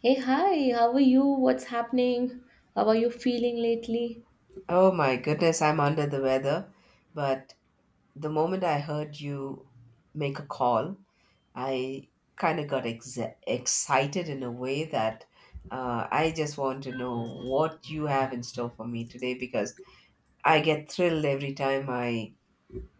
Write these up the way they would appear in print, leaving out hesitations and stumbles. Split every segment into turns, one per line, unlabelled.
Hey, hi, how are you? What's happening? How are you feeling lately?
Oh my goodness, I'm under the weather. But the moment I heard you make a call, I kind of excited in a way that I just want to know what you have in store for me today because I get thrilled every time I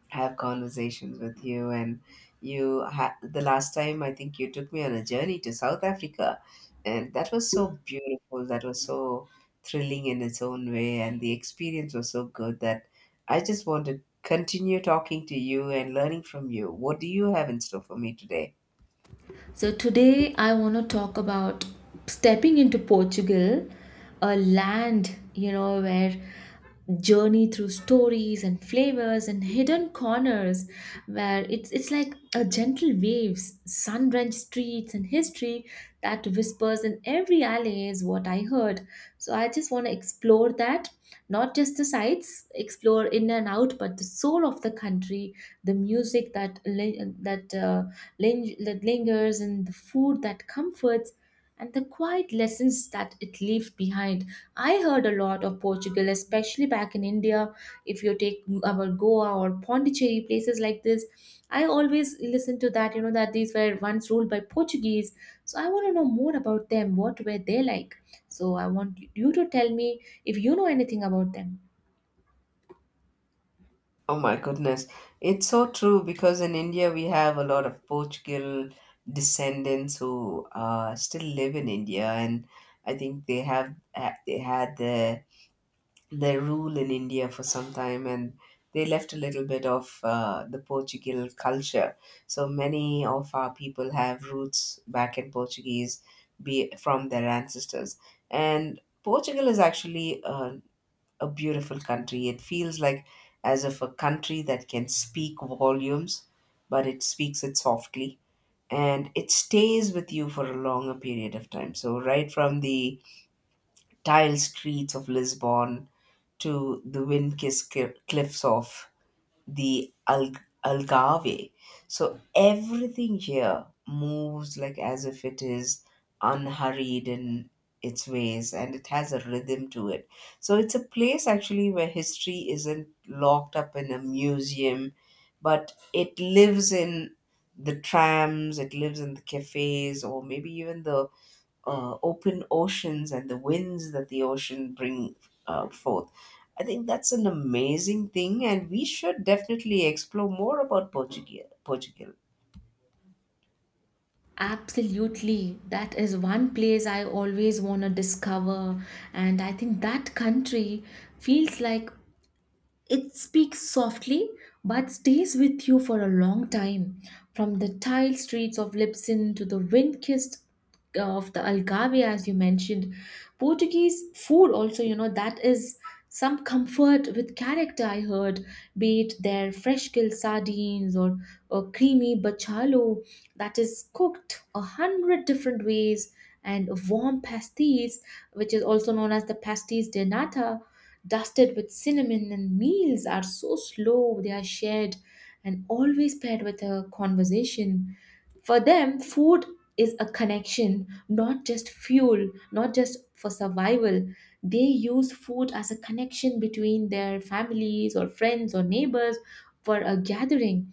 have conversations with you, and the last time I think you took me on a journey to South Africa, and that was so beautiful. That was so thrilling in its own way, and the experience was so good that I just want to continue talking to you and learning from you. What do you have in store for me today?
So, today I want to talk about stepping into Portugal, a land, you know, where journey through stories and flavors and hidden corners where it's like a gentle waves sun-drenched streets and history that whispers in every alley is what I heard. So I just want to explore that, not just the sights explore in and out, but the soul of the country, the music that lingers and the food that comforts and the quiet lessons that it leaves behind. I heard a lot of Portugal, especially back in India. If you take our Goa or Pondicherry, places like this, I always listen to that, you know, that these were once ruled by Portuguese. So I want to know more about them. What were they like? So I want you to tell me if you know anything about them.
Oh my goodness. It's so true, because in India we have a lot of Portugal descendants who still live in India. And I think they had their, they rule in India for some time, and they left a little bit of the Portugal culture. So many of our people have roots back in Portuguese, be it from their ancestors. And Portugal is actually a beautiful country. It feels like as if a country that can speak volumes, but it speaks it softly. And it stays with you for a longer period of time. So, right from the tile streets of Lisbon to the cliffs of the Algarve. So everything here moves like as if it is unhurried in its ways, and it has a rhythm to it. So it's a place actually where history isn't locked up in a museum, but it lives in the trams, it lives in the cafes, or maybe even the open oceans and the winds that the ocean bring forth. I think that's an amazing thing, and we should definitely explore more about Portugal. Portugal.
Absolutely. That is one place I always want to discover. And I think that country feels like it speaks softly but stays with you for a long time. From the tiled streets of Lisbon to the wind kissed of the Algarve, as you mentioned, Portuguese food also, you know, that is some comfort with character, I heard, be it their fresh killed sardines or creamy bacalhau that is cooked a hundred different ways, and warm pasties, which is also known as the pasties de nata, dusted with cinnamon, and meals are so slow, they are shared and always paired with a conversation. For them, food is a connection, not just fuel, not just for survival. They use food as a connection between their families or friends or neighbors for a gathering.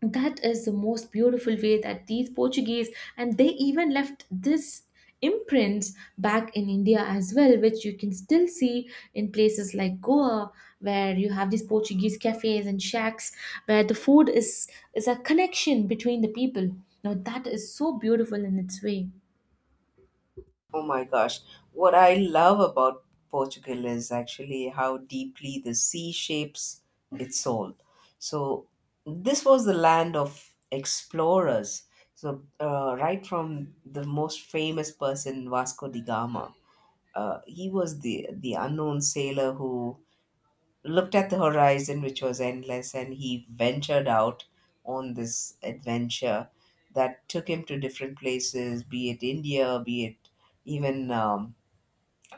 That is the most beautiful way that these Portuguese, and they even left this imprints back in India as well, which you can still see in places like Goa, where you have these Portuguese cafes and shacks where the food is a connection between the people. Now that is so beautiful in its way.
Oh my gosh. What I love about Portugal is actually how deeply the sea shapes its soul. So, this was the land of explorers. So, right from the most famous person, Vasco da Gama, he was the unknown sailor who looked at the horizon, which was endless, and he ventured out on this adventure that took him to different places, be it India, be it even um,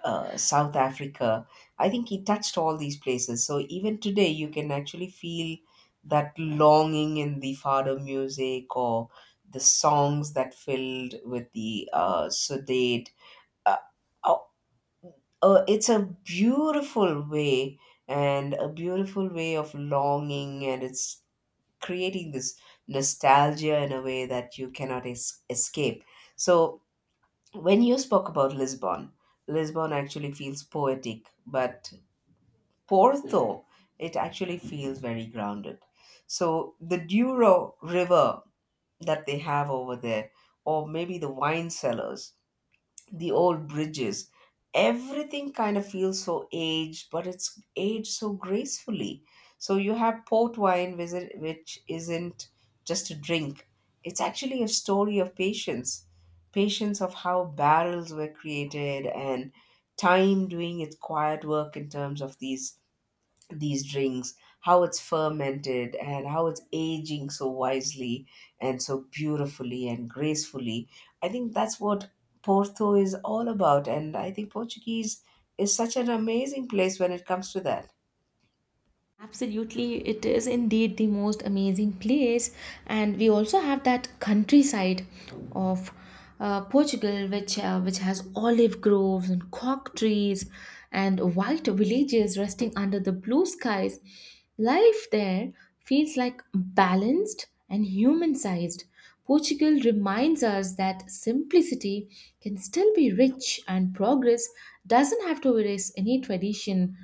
uh, South Africa. I think he touched all these places. So even today, you can actually feel that longing in the fado music or the songs that filled with the Sudate. Uh, uh, it's a beautiful way and a beautiful way of longing, and it's creating this nostalgia in a way that you cannot escape. So when you spoke about Lisbon, Lisbon actually feels poetic, but Porto, it actually feels very grounded. So the Douro River that they have over there, or maybe the wine cellars, the old bridges. Everything kind of feels so aged, but it's aged so gracefully. So you have port wine, which which isn't just a drink. It's actually a story of patience, patience of how barrels were created, and time doing its quiet work in terms of these drinks, how it's fermented and how it's aging so wisely and so beautifully and gracefully. I think that's what Porto is all about. And I think Portuguese is such an amazing place when it comes to that.
Absolutely, it is indeed the most amazing place, and we also have that countryside of Portugal, which has olive groves and cork trees, and white villages resting under the blue skies. Life there feels like balanced and human-sized. Portugal reminds us that simplicity can still be rich, and progress doesn't have to erase any tradition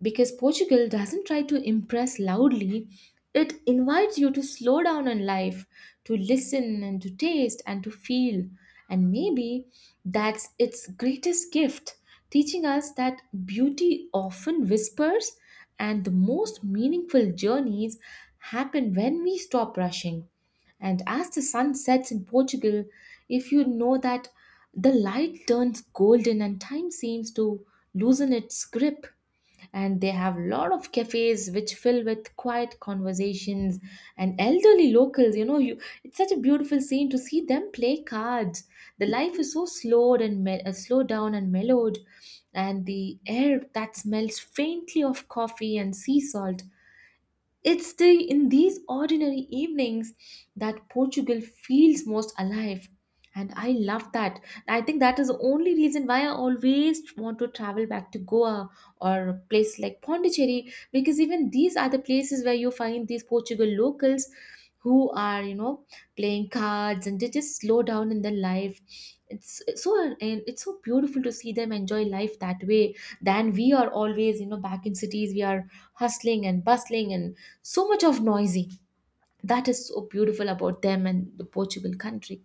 because Portugal doesn't try to impress loudly. It invites you to slow down on life, to listen and to taste and to feel. And maybe that's its greatest gift, teaching us that beauty often whispers and the most meaningful journeys happen when we stop rushing. And as the sun sets in Portugal, if you know that the light turns golden and time seems to loosen its grip, and they have a lot of cafes which fill with quiet conversations and elderly locals, you know, you, it's such a beautiful scene to see them play cards. The life is so slowed and slowed down and mellowed, and the air that smells faintly of coffee and sea salt, it's the, in these ordinary evenings that Portugal feels most alive. And I love that. I think that is the only reason why I always want to travel back to Goa or a place like Pondicherry, because even these are the places where you find these Portugal locals who are, you know, playing cards and they just slow down in their life. It's so, and it's so beautiful to see them enjoy life that way, than we are always, you know, back in cities we are hustling and bustling and so much of noisy. That is so beautiful about them and the Portugal country.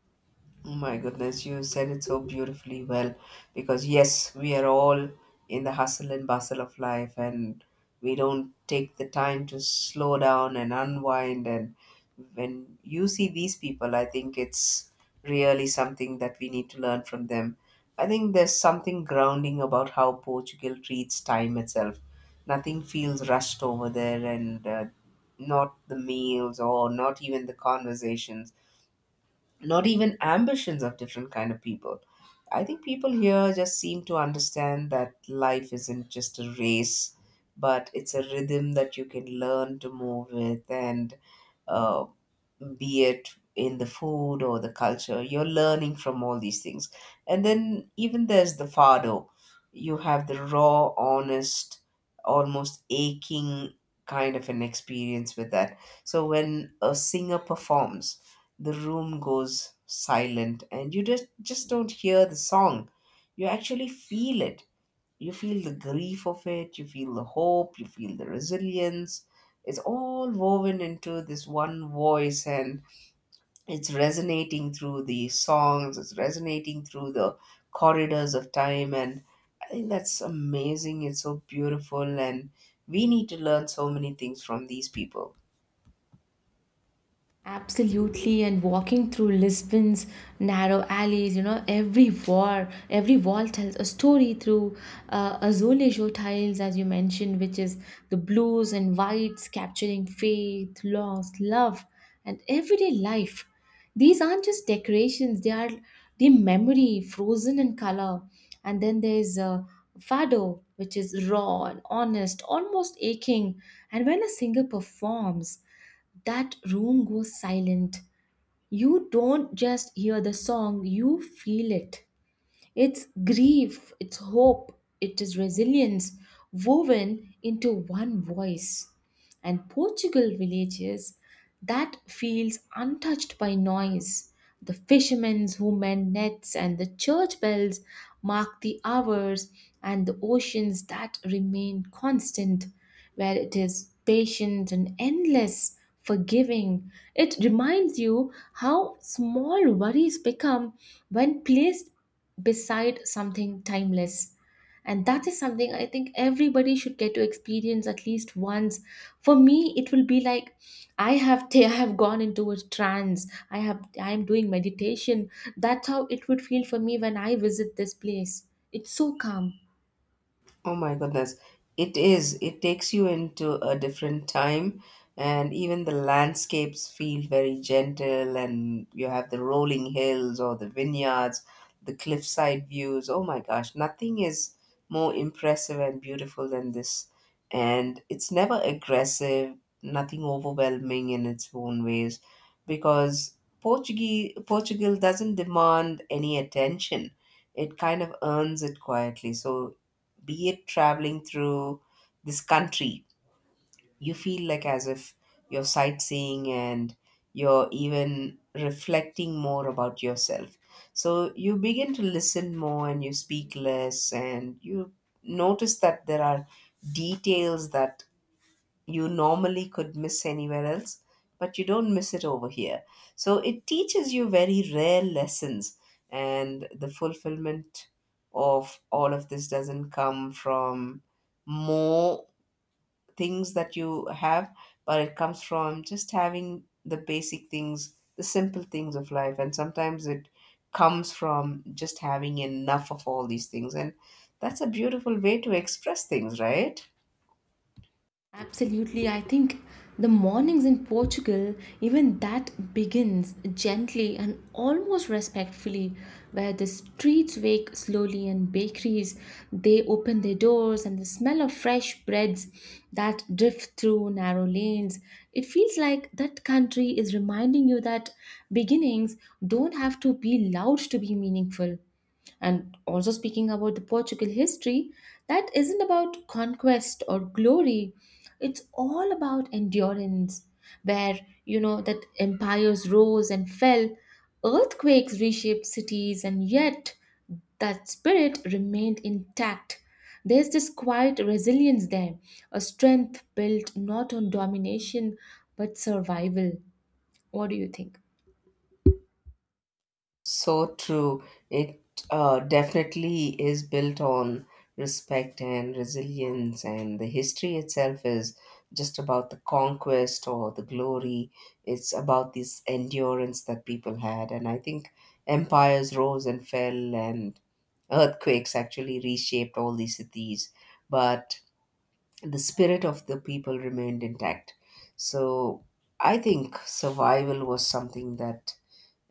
Oh my goodness, you said it so beautifully well, because yes, we are all in the hustle and bustle of life, and we don't take the time to slow down and unwind. And when you see these people, I think it's really something that we need to learn from them. I think there's something grounding about how Portugal treats time itself. Nothing feels rushed over there, and not the meals or not even the conversations, not even ambitions of different kind of people. I think people here just seem to understand that life isn't just a race, but it's a rhythm that you can learn to move with. And uh, be it in the food or the culture, you're learning from all these things. And then even there's the fado, you have the raw, honest, almost aching kind of an experience with that. So when a singer performs, the room goes silent, and you just don't hear the song, you actually feel it. You feel the grief of it, you feel the hope, you feel the resilience. It's all woven into this one voice, and it's resonating through the songs, it's resonating through the corridors of time. And I think that's amazing, it's so beautiful, and we need to learn so many things from these people.
Absolutely, and walking through Lisbon's narrow alleys, you know, every wall tells a story through azulejo tiles, as you mentioned, which is the blues and whites capturing faith, loss, love, and everyday life. These aren't just decorations; they are the memory frozen in color. And then there's fado, which is raw and honest, almost aching. And when a singer performs, that room goes silent. You don't just hear the song, you feel it. It's grief, it's hope, it is resilience woven into one voice. And Portugal villages that feels untouched by noise. The fishermen who mend nets and the church bells mark the hours and the oceans that remain constant, where it is patient and endless, forgiving. It reminds you how small worries become when placed beside something timeless. And that is something I think everybody should get to experience at least once. For me it will be like I have I have gone into a trance, I am doing meditation. That's how it would feel for me when I visit this place. It's so calm.
Oh my goodness. It is. It takes you into a different time, and even the landscapes feel very gentle, and you have the rolling hills or the vineyards, the cliffside views. Oh my gosh, nothing is more impressive and beautiful than this. And it's never aggressive, nothing overwhelming in its own ways, because Portuguese, Portugal doesn't demand any attention. It kind of earns it quietly. So be it traveling through this country, you feel like as if you're sightseeing, and you're even reflecting more about yourself. So you begin to listen more and you speak less, and you notice that there are details that you normally could miss anywhere else, but you don't miss it over here. So it teaches you very rare lessons, and the fulfillment of all of this doesn't come from more things that you have, but it comes from just having the basic things, the simple things of life, and sometimes it comes from just having enough of all these things. And that's a beautiful way to express things, right?
Absolutely. I think the mornings in Portugal, even that begins gently and almost respectfully, where the streets wake slowly and bakeries, they open their doors and the smell of fresh breads that drift through narrow lanes. It feels like that country is reminding you that beginnings don't have to be loud to be meaningful. And also, speaking about the Portugal history, that isn't about conquest or glory, it's all about endurance, where you know that empires rose and fell, earthquakes reshaped cities, and yet that spirit remained intact. There's this quiet resilience there, a strength built not on domination but survival. What do you think?
So true. It definitely is built on respect and resilience, and the history itself is just about the conquest or the glory. It's about this endurance that people had. And I think empires rose and fell, and earthquakes actually reshaped all these cities, but the spirit of the people remained intact. So I think survival was something that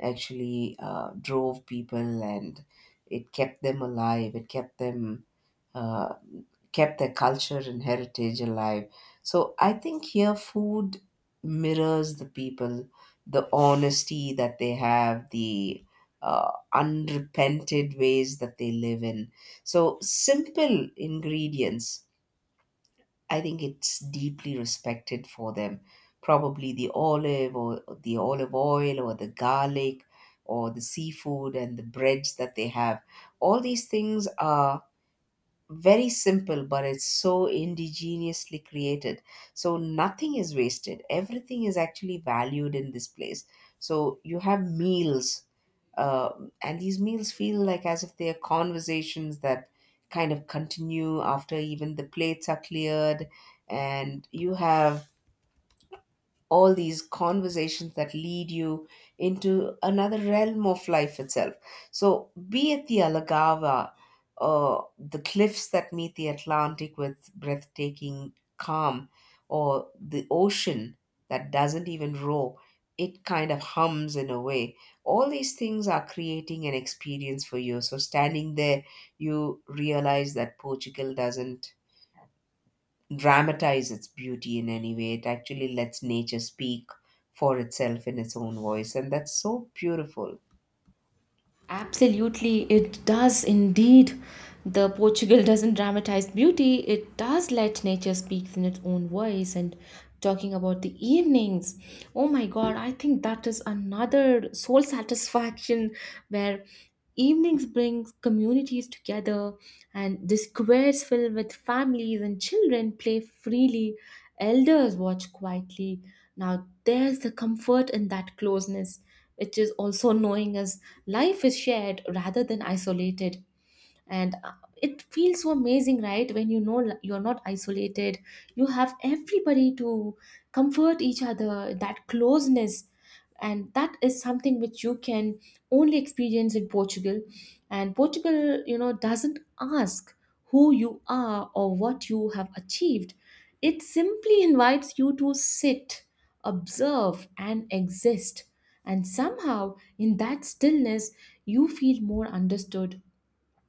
actually drove people, and it kept them alive, it uh, kept their culture and heritage alive. So I think here food mirrors the people, the honesty that they have, the unrepented ways that they live in. So simple ingredients, I think it's deeply respected for them. Probably the olive or the olive oil or the garlic or the seafood and the breads that they have. All these things are very simple, but it's so indigenously created. So nothing is wasted, everything is actually valued in this place. So you have meals, uh, and these meals feel like as if they are conversations that kind of continue after even the plates are cleared, and you have all these conversations that lead you into another realm of life itself. So, be it the Alagawa, the cliffs that meet the Atlantic with breathtaking calm, or the ocean that doesn't even roar, it kind of hums in a way. All these things are creating an experience for you. So, standing there, you realize that Portugal doesn't dramatize its beauty in any way. It actually lets nature speak for itself in its own voice, and that's so beautiful.
Absolutely, it does indeed. The Portugal doesn't dramatize beauty, it does let nature speak in its own voice. And talking about the evenings, oh my god, I think that is another soul satisfaction where evenings brings communities together and the squares filled with families and children play freely, elders watch quietly. Now there's the comfort in that closeness, which is also knowing as life is shared rather than isolated. And it feels so amazing, right, when you know, you're not isolated, you have everybody to comfort each other, that closeness. And that is something which you can only experience in Portugal. And Portugal, you know, doesn't ask who you are or what you have achieved. It simply invites you to sit, observe, and exist. And somehow in that stillness you feel more understood.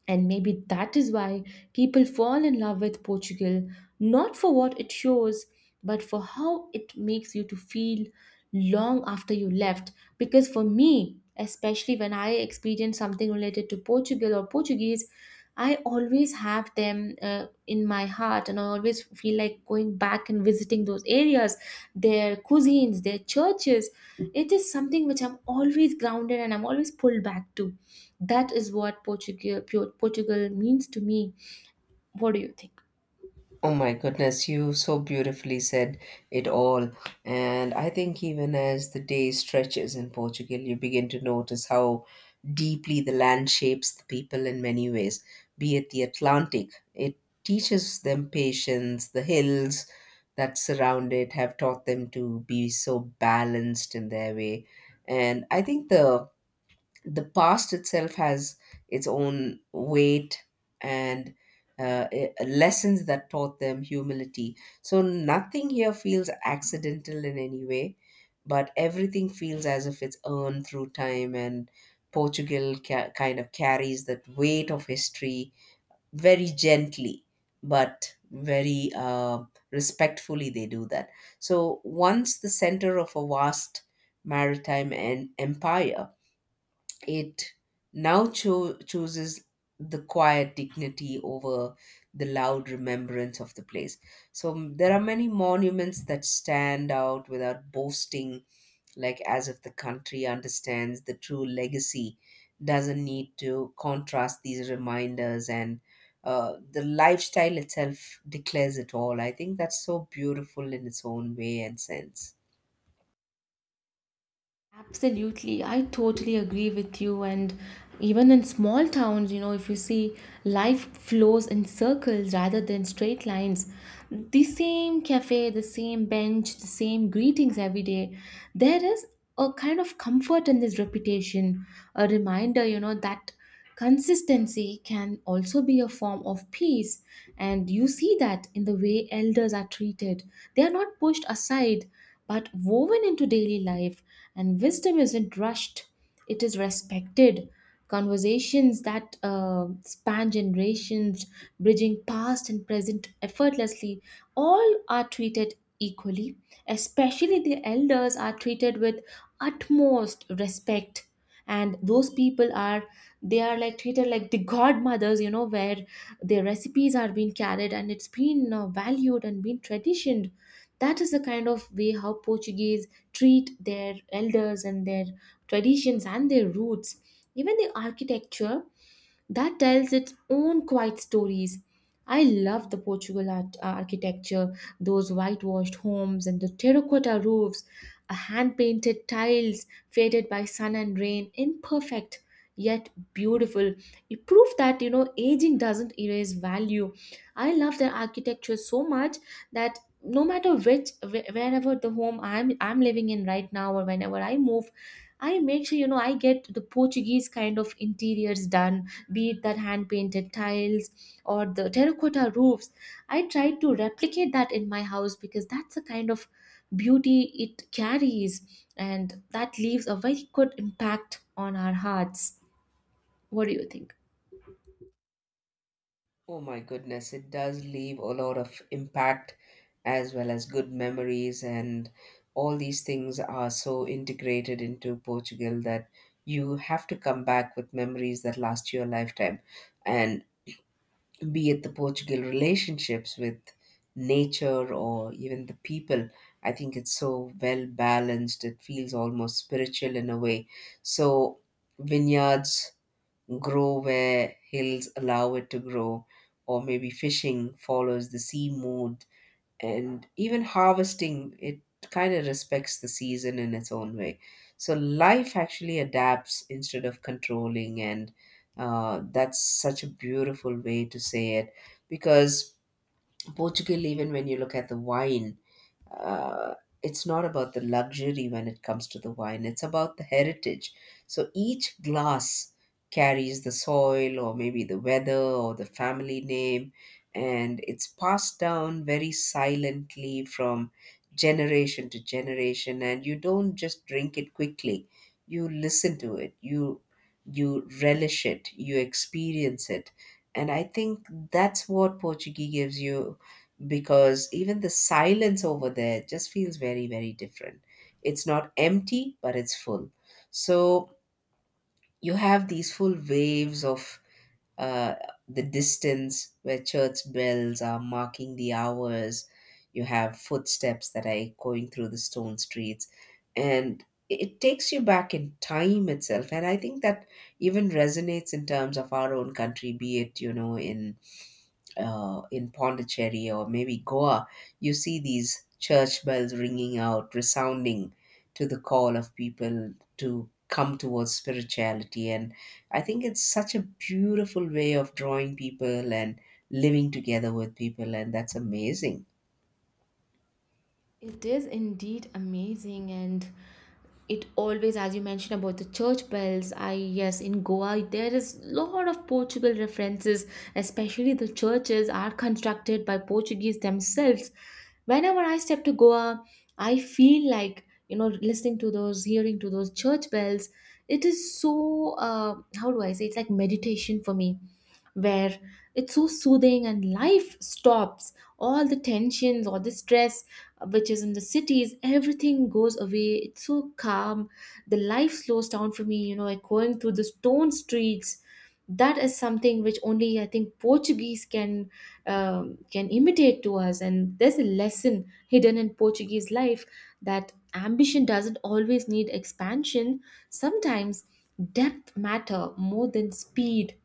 And maybe that is why people fall in love with Portugal, not for what it shows, but for how it makes you to feel long after you left. Because for me, especially when I experience something related to Portugal or Portuguese, I always have them in my heart, and I always feel like going back and visiting those areas, their cuisines, their churches. It is something which I'm always grounded and I'm always pulled back to. That is what Portugal means to me. What do you think?
Oh my goodness, you so beautifully said it all. And I think even as the day stretches in Portugal, you begin to notice how deeply the land shapes the people in many ways, be it the Atlantic. It teaches them patience, the hills that surround it have taught them to be so balanced in their way. And I think the past itself has its own weight, and lessons that taught them humility. So nothing here feels accidental in any way, but everything feels as if it's earned through time. And Portugal kind of carries that weight of history very gently, but very respectfully, they do that. So once the center of a vast maritime and empire, it now chooses the quiet dignity over the loud remembrance of the place. So there are many monuments that stand out without boasting, like as if the country understands the true legacy, doesn't need to contrast these reminders, and the lifestyle itself declares it all. I think that's so beautiful in its own way and sense.
Absolutely, I totally agree with you. And even in small towns, you know, if you see life flows in circles rather than straight lines, the same cafe, the same bench, the same greetings every day, there is a kind of comfort in this repetition, a reminder, you know, that consistency can also be a form of peace, and you see that in the way elders are treated. They are not pushed aside but woven into daily life, and wisdom isn't rushed, it is respected. Conversations that span generations, bridging past and present effortlessly, all are treated equally, especially the elders are treated with utmost respect. And those people are, they are like treated like the godmothers, you know, where their recipes are being carried and it's been valued and been traditioned. That is the kind of way how Portuguese treat their elders and their traditions and their roots. Even the architecture that tells its own quiet stories. I love the Portugal art, architecture, those whitewashed homes and the terracotta roofs, hand painted tiles faded by sun and rain, imperfect yet beautiful. It proves that, you know, aging doesn't erase value. I love their architecture so much that no matter which wherever the home I'm living in right now or whenever I move, I make sure, you know, I get the Portuguese kind of interiors done, be it that hand painted tiles or the terracotta roofs. I try to replicate that in my house, because that's the kind of beauty it carries and that leaves a very good impact on our hearts. What do you think?
Oh my goodness, it does leave a lot of impact as well as good memories, and all these things are so integrated into Portugal that you have to come back with memories that last you a lifetime. And be it the Portugal relationships with nature or even the people, I think it's so well balanced. It feels almost spiritual in a way. So, vineyards grow where hills allow it to grow, or maybe fishing follows the sea mood, and even harvesting, it kind of respects the season in its own way. So life actually adapts instead of controlling, and that's such a beautiful way to say it because Portugal, even when you look at the wine, uh, it's not about the luxury when it comes to the wine, it's about the heritage. So each glass carries the soil, or maybe the weather, or the family name, and it's passed down very silently from generation to generation. And you don't just drink it quickly, you listen to it, you relish it, you experience it. And I think that's what Portuguese gives you, because even the silence over there just feels very very different. It's not empty, but it's full. So you have these full waves of uh, the distance where church bells are marking the hours. You have footsteps that are going through the stone streets, and it takes you back in time itself. And I think that even resonates in terms of our own country, be it in Pondicherry or maybe Goa. You see these church bells ringing out, resounding to the call of people to come towards spirituality. And I think it's such a beautiful way of drawing people and living together with people, and that's amazing.
It is indeed amazing, and it always, as you mentioned about the church bells, I, yes, in Goa there is lot of Portugal references, especially the churches are constructed by Portuguese themselves. Whenever I step to Goa, I feel like, you know, listening to those, hearing to those church bells, it is so, how do I say, it's like meditation for me, where it's so soothing and life stops, all the tensions, all the stress which is in the cities, everything goes away. It's so calm. The life slows down for me, you know, like going through the stone streets. That is something which only I think Portuguese can imitate to us, and there's a lesson hidden in Portuguese life that ambition doesn't always need expansion. Sometimes depth matter more than speed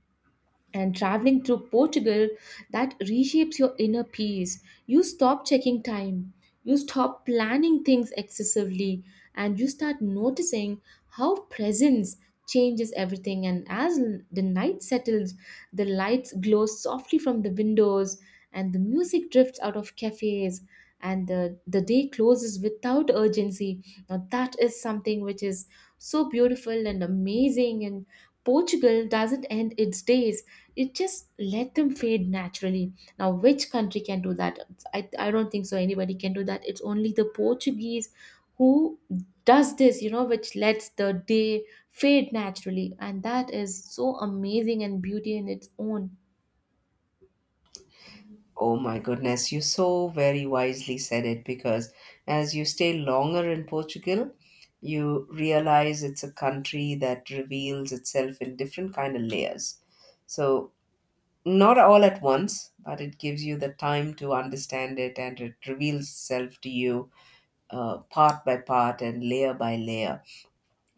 and traveling through Portugal that reshapes your inner peace. You stop checking time, you stop planning things excessively, and you start noticing how presence changes everything. And as the night settles, the lights glow softly from the windows, and the music drifts out of cafes. And the day closes without urgency. Now, that is something which is so beautiful and amazing and Portugal doesn't end its days, it just let them fade naturally. Now, which country can do that? I don't think so. Anybody can do that. It's only the Portuguese who does this, you know, which lets the day fade naturally. And that is so amazing and beauty in its own.
Oh my goodness, you so very wisely said it, because as you stay longer in Portugal, you realize it's a country that reveals itself in different kind of layers. So not all at once, but it gives you the time to understand it, and it reveals itself to you part by part and layer by layer.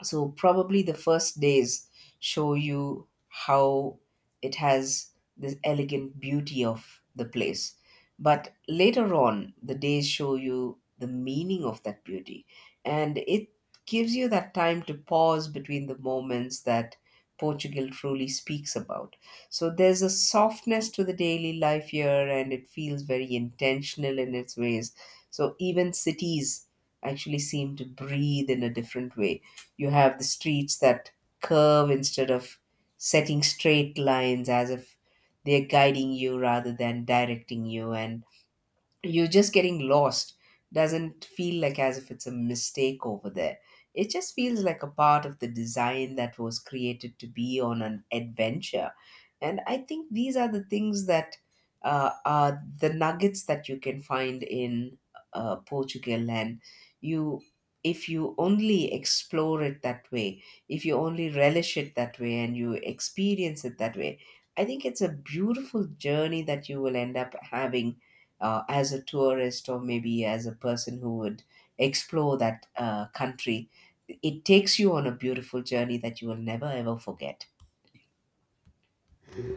So probably the first days show you how it has this elegant beauty of the place. But later on, the days show you the meaning of that beauty. And it gives you that time to pause between the moments that Portugal truly speaks about. So there's a softness to the daily life here, and it feels very intentional in its ways. So even cities actually seem to breathe in a different way. You have the streets that curve instead of setting straight lines, as if they're guiding you rather than directing you. And you're just getting lost doesn't feel like as if it's a mistake over there. It just feels like a part of the design that was created to be on an adventure. And I think these are the things that are the nuggets that you can find in Portugal. And you, if you only explore it that way, if you only relish it that way and you experience it that way, I think it's a beautiful journey that you will end up having as a tourist or maybe as a person who would explore that country. It takes you on a beautiful journey that you will never ever forget.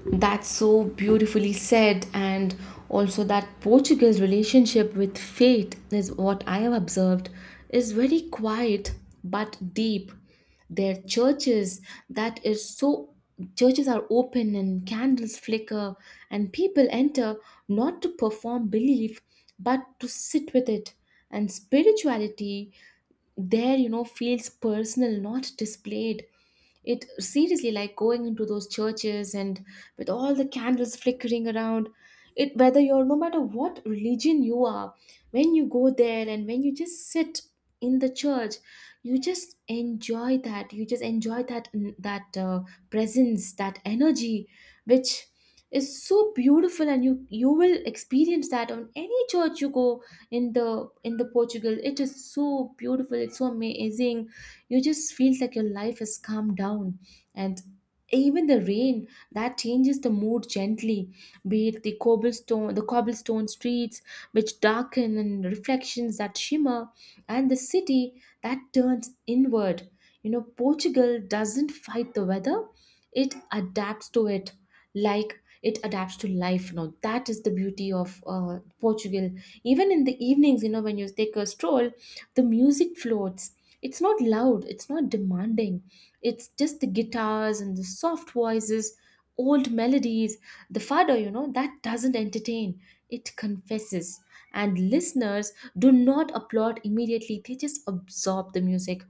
That's so beautifully said, and also that Portugal's relationship with fate is what I have observed is very quiet but deep. Their churches, that is so, churches are open and candles flicker and people enter not to perform belief but to sit with it. And spirituality there, you know, feels personal, not displayed. It seriously, like going into those churches and with all the candles flickering around it, whether you're, no matter what religion you are, when you go there and when you just sit in the church, you just enjoy that, you just enjoy that, that presence, that energy, which is so beautiful. And you will experience that on any church you go in the Portugal. It is so beautiful. It's so amazing. You just feel like your life has calmed down, and even the rain that changes the mood gently, be it the cobblestone, the cobblestone streets, which darken, and reflections that shimmer, and the city that turns inward. You know, Portugal doesn't fight the weather, it adapts to it, like it adapts to life. Now that is the beauty of Portugal. Even in the evenings, you know, when you take a stroll, the music floats. It's not loud, it's not demanding. It's just the guitars and the soft voices, old melodies. The fado, you know, that doesn't entertain, it confesses. And listeners do not applaud immediately, they just absorb the music,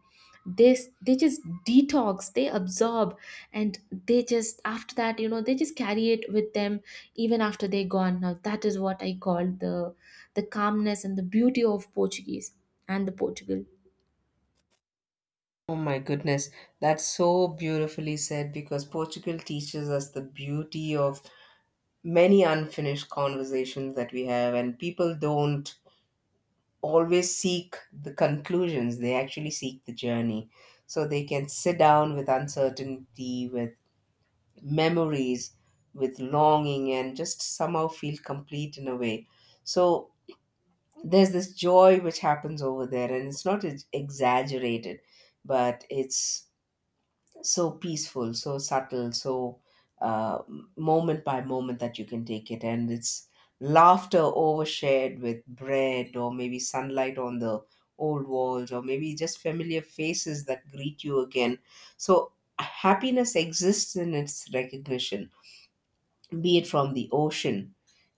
they they just detox, they absorb, and they just, after that, you know, they just carry it with them even after they're gone. Now that is what I call the calmness and the beauty of Portuguese and the Portugal.
Oh my goodness, that's so beautifully said, because Portugal teaches us the beauty of many unfinished conversations that we have, and people don't always seek the conclusions, they actually seek the journey. So they can sit down with uncertainty, with memories, with longing, and just somehow feel complete in a way. So there's this joy which happens over there, and it's not exaggerated, but it's so peaceful, so subtle, so uh, moment by moment that you can take it. And it's laughter overshared with bread, or maybe sunlight on the old walls, or maybe just familiar faces that greet you again. So happiness exists in its recognition, be it from the ocean.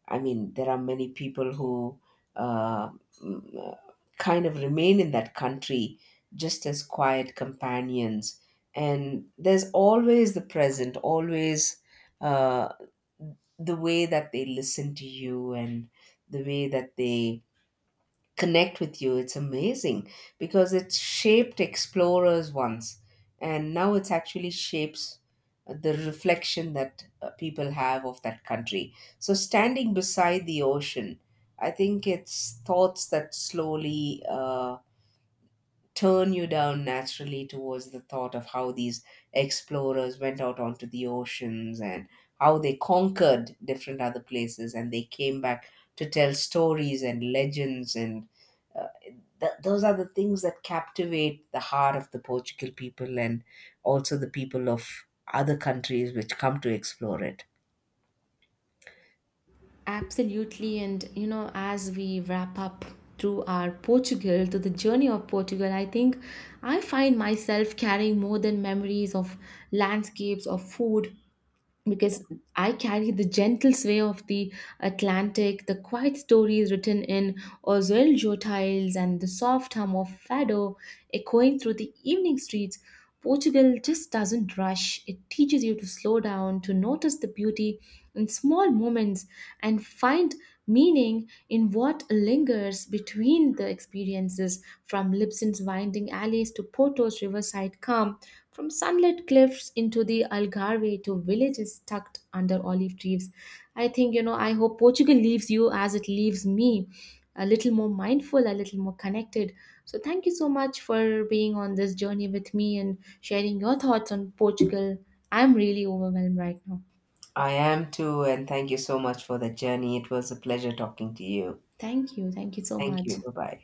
I mean, there are many people who uh, mm, uh, kind of remain in that country just as quiet companions. And there's always the present, always uh, the way that they listen to you and the way that they connect with you. It's amazing, because it shaped explorers once, and now it's actually shapes the reflection that people have of that country. So, standing beside the ocean, I think it's thoughts that slowly turn you down naturally towards the thought of how these explorers went out onto the oceans, and how they conquered different other places and they came back to tell stories and legends, and uh, those are the things that captivate the heart of the Portugal people, and also the people of other countries which come to explore it.
Absolutely. And, you know, as we wrap up through our Portugal, to the journey of Portugal, I think I find myself carrying more than memories of landscapes, of food, because I carry the gentle sway of the Atlantic, the quiet stories written in Ozoeljo tiles, and the soft hum of fado echoing through the evening streets. Portugal just doesn't rush. It teaches you to slow down, to notice the beauty in small moments, and find meaning in what lingers between the experiences, from Lipsin's winding alleys to Porto's riverside calm, from sunlit cliffs into the Algarve to villages tucked under olive trees. I think, you know, I hope Portugal leaves you as it leaves me a little more mindful, a little more connected. So, thank you so much for being on this journey with me and sharing your thoughts on Portugal. I'm really overwhelmed right now.
I am too, and thank you so much for the journey. It was a pleasure talking to you.
Thank you. Thank you so
Thank
much.
you. Bye bye.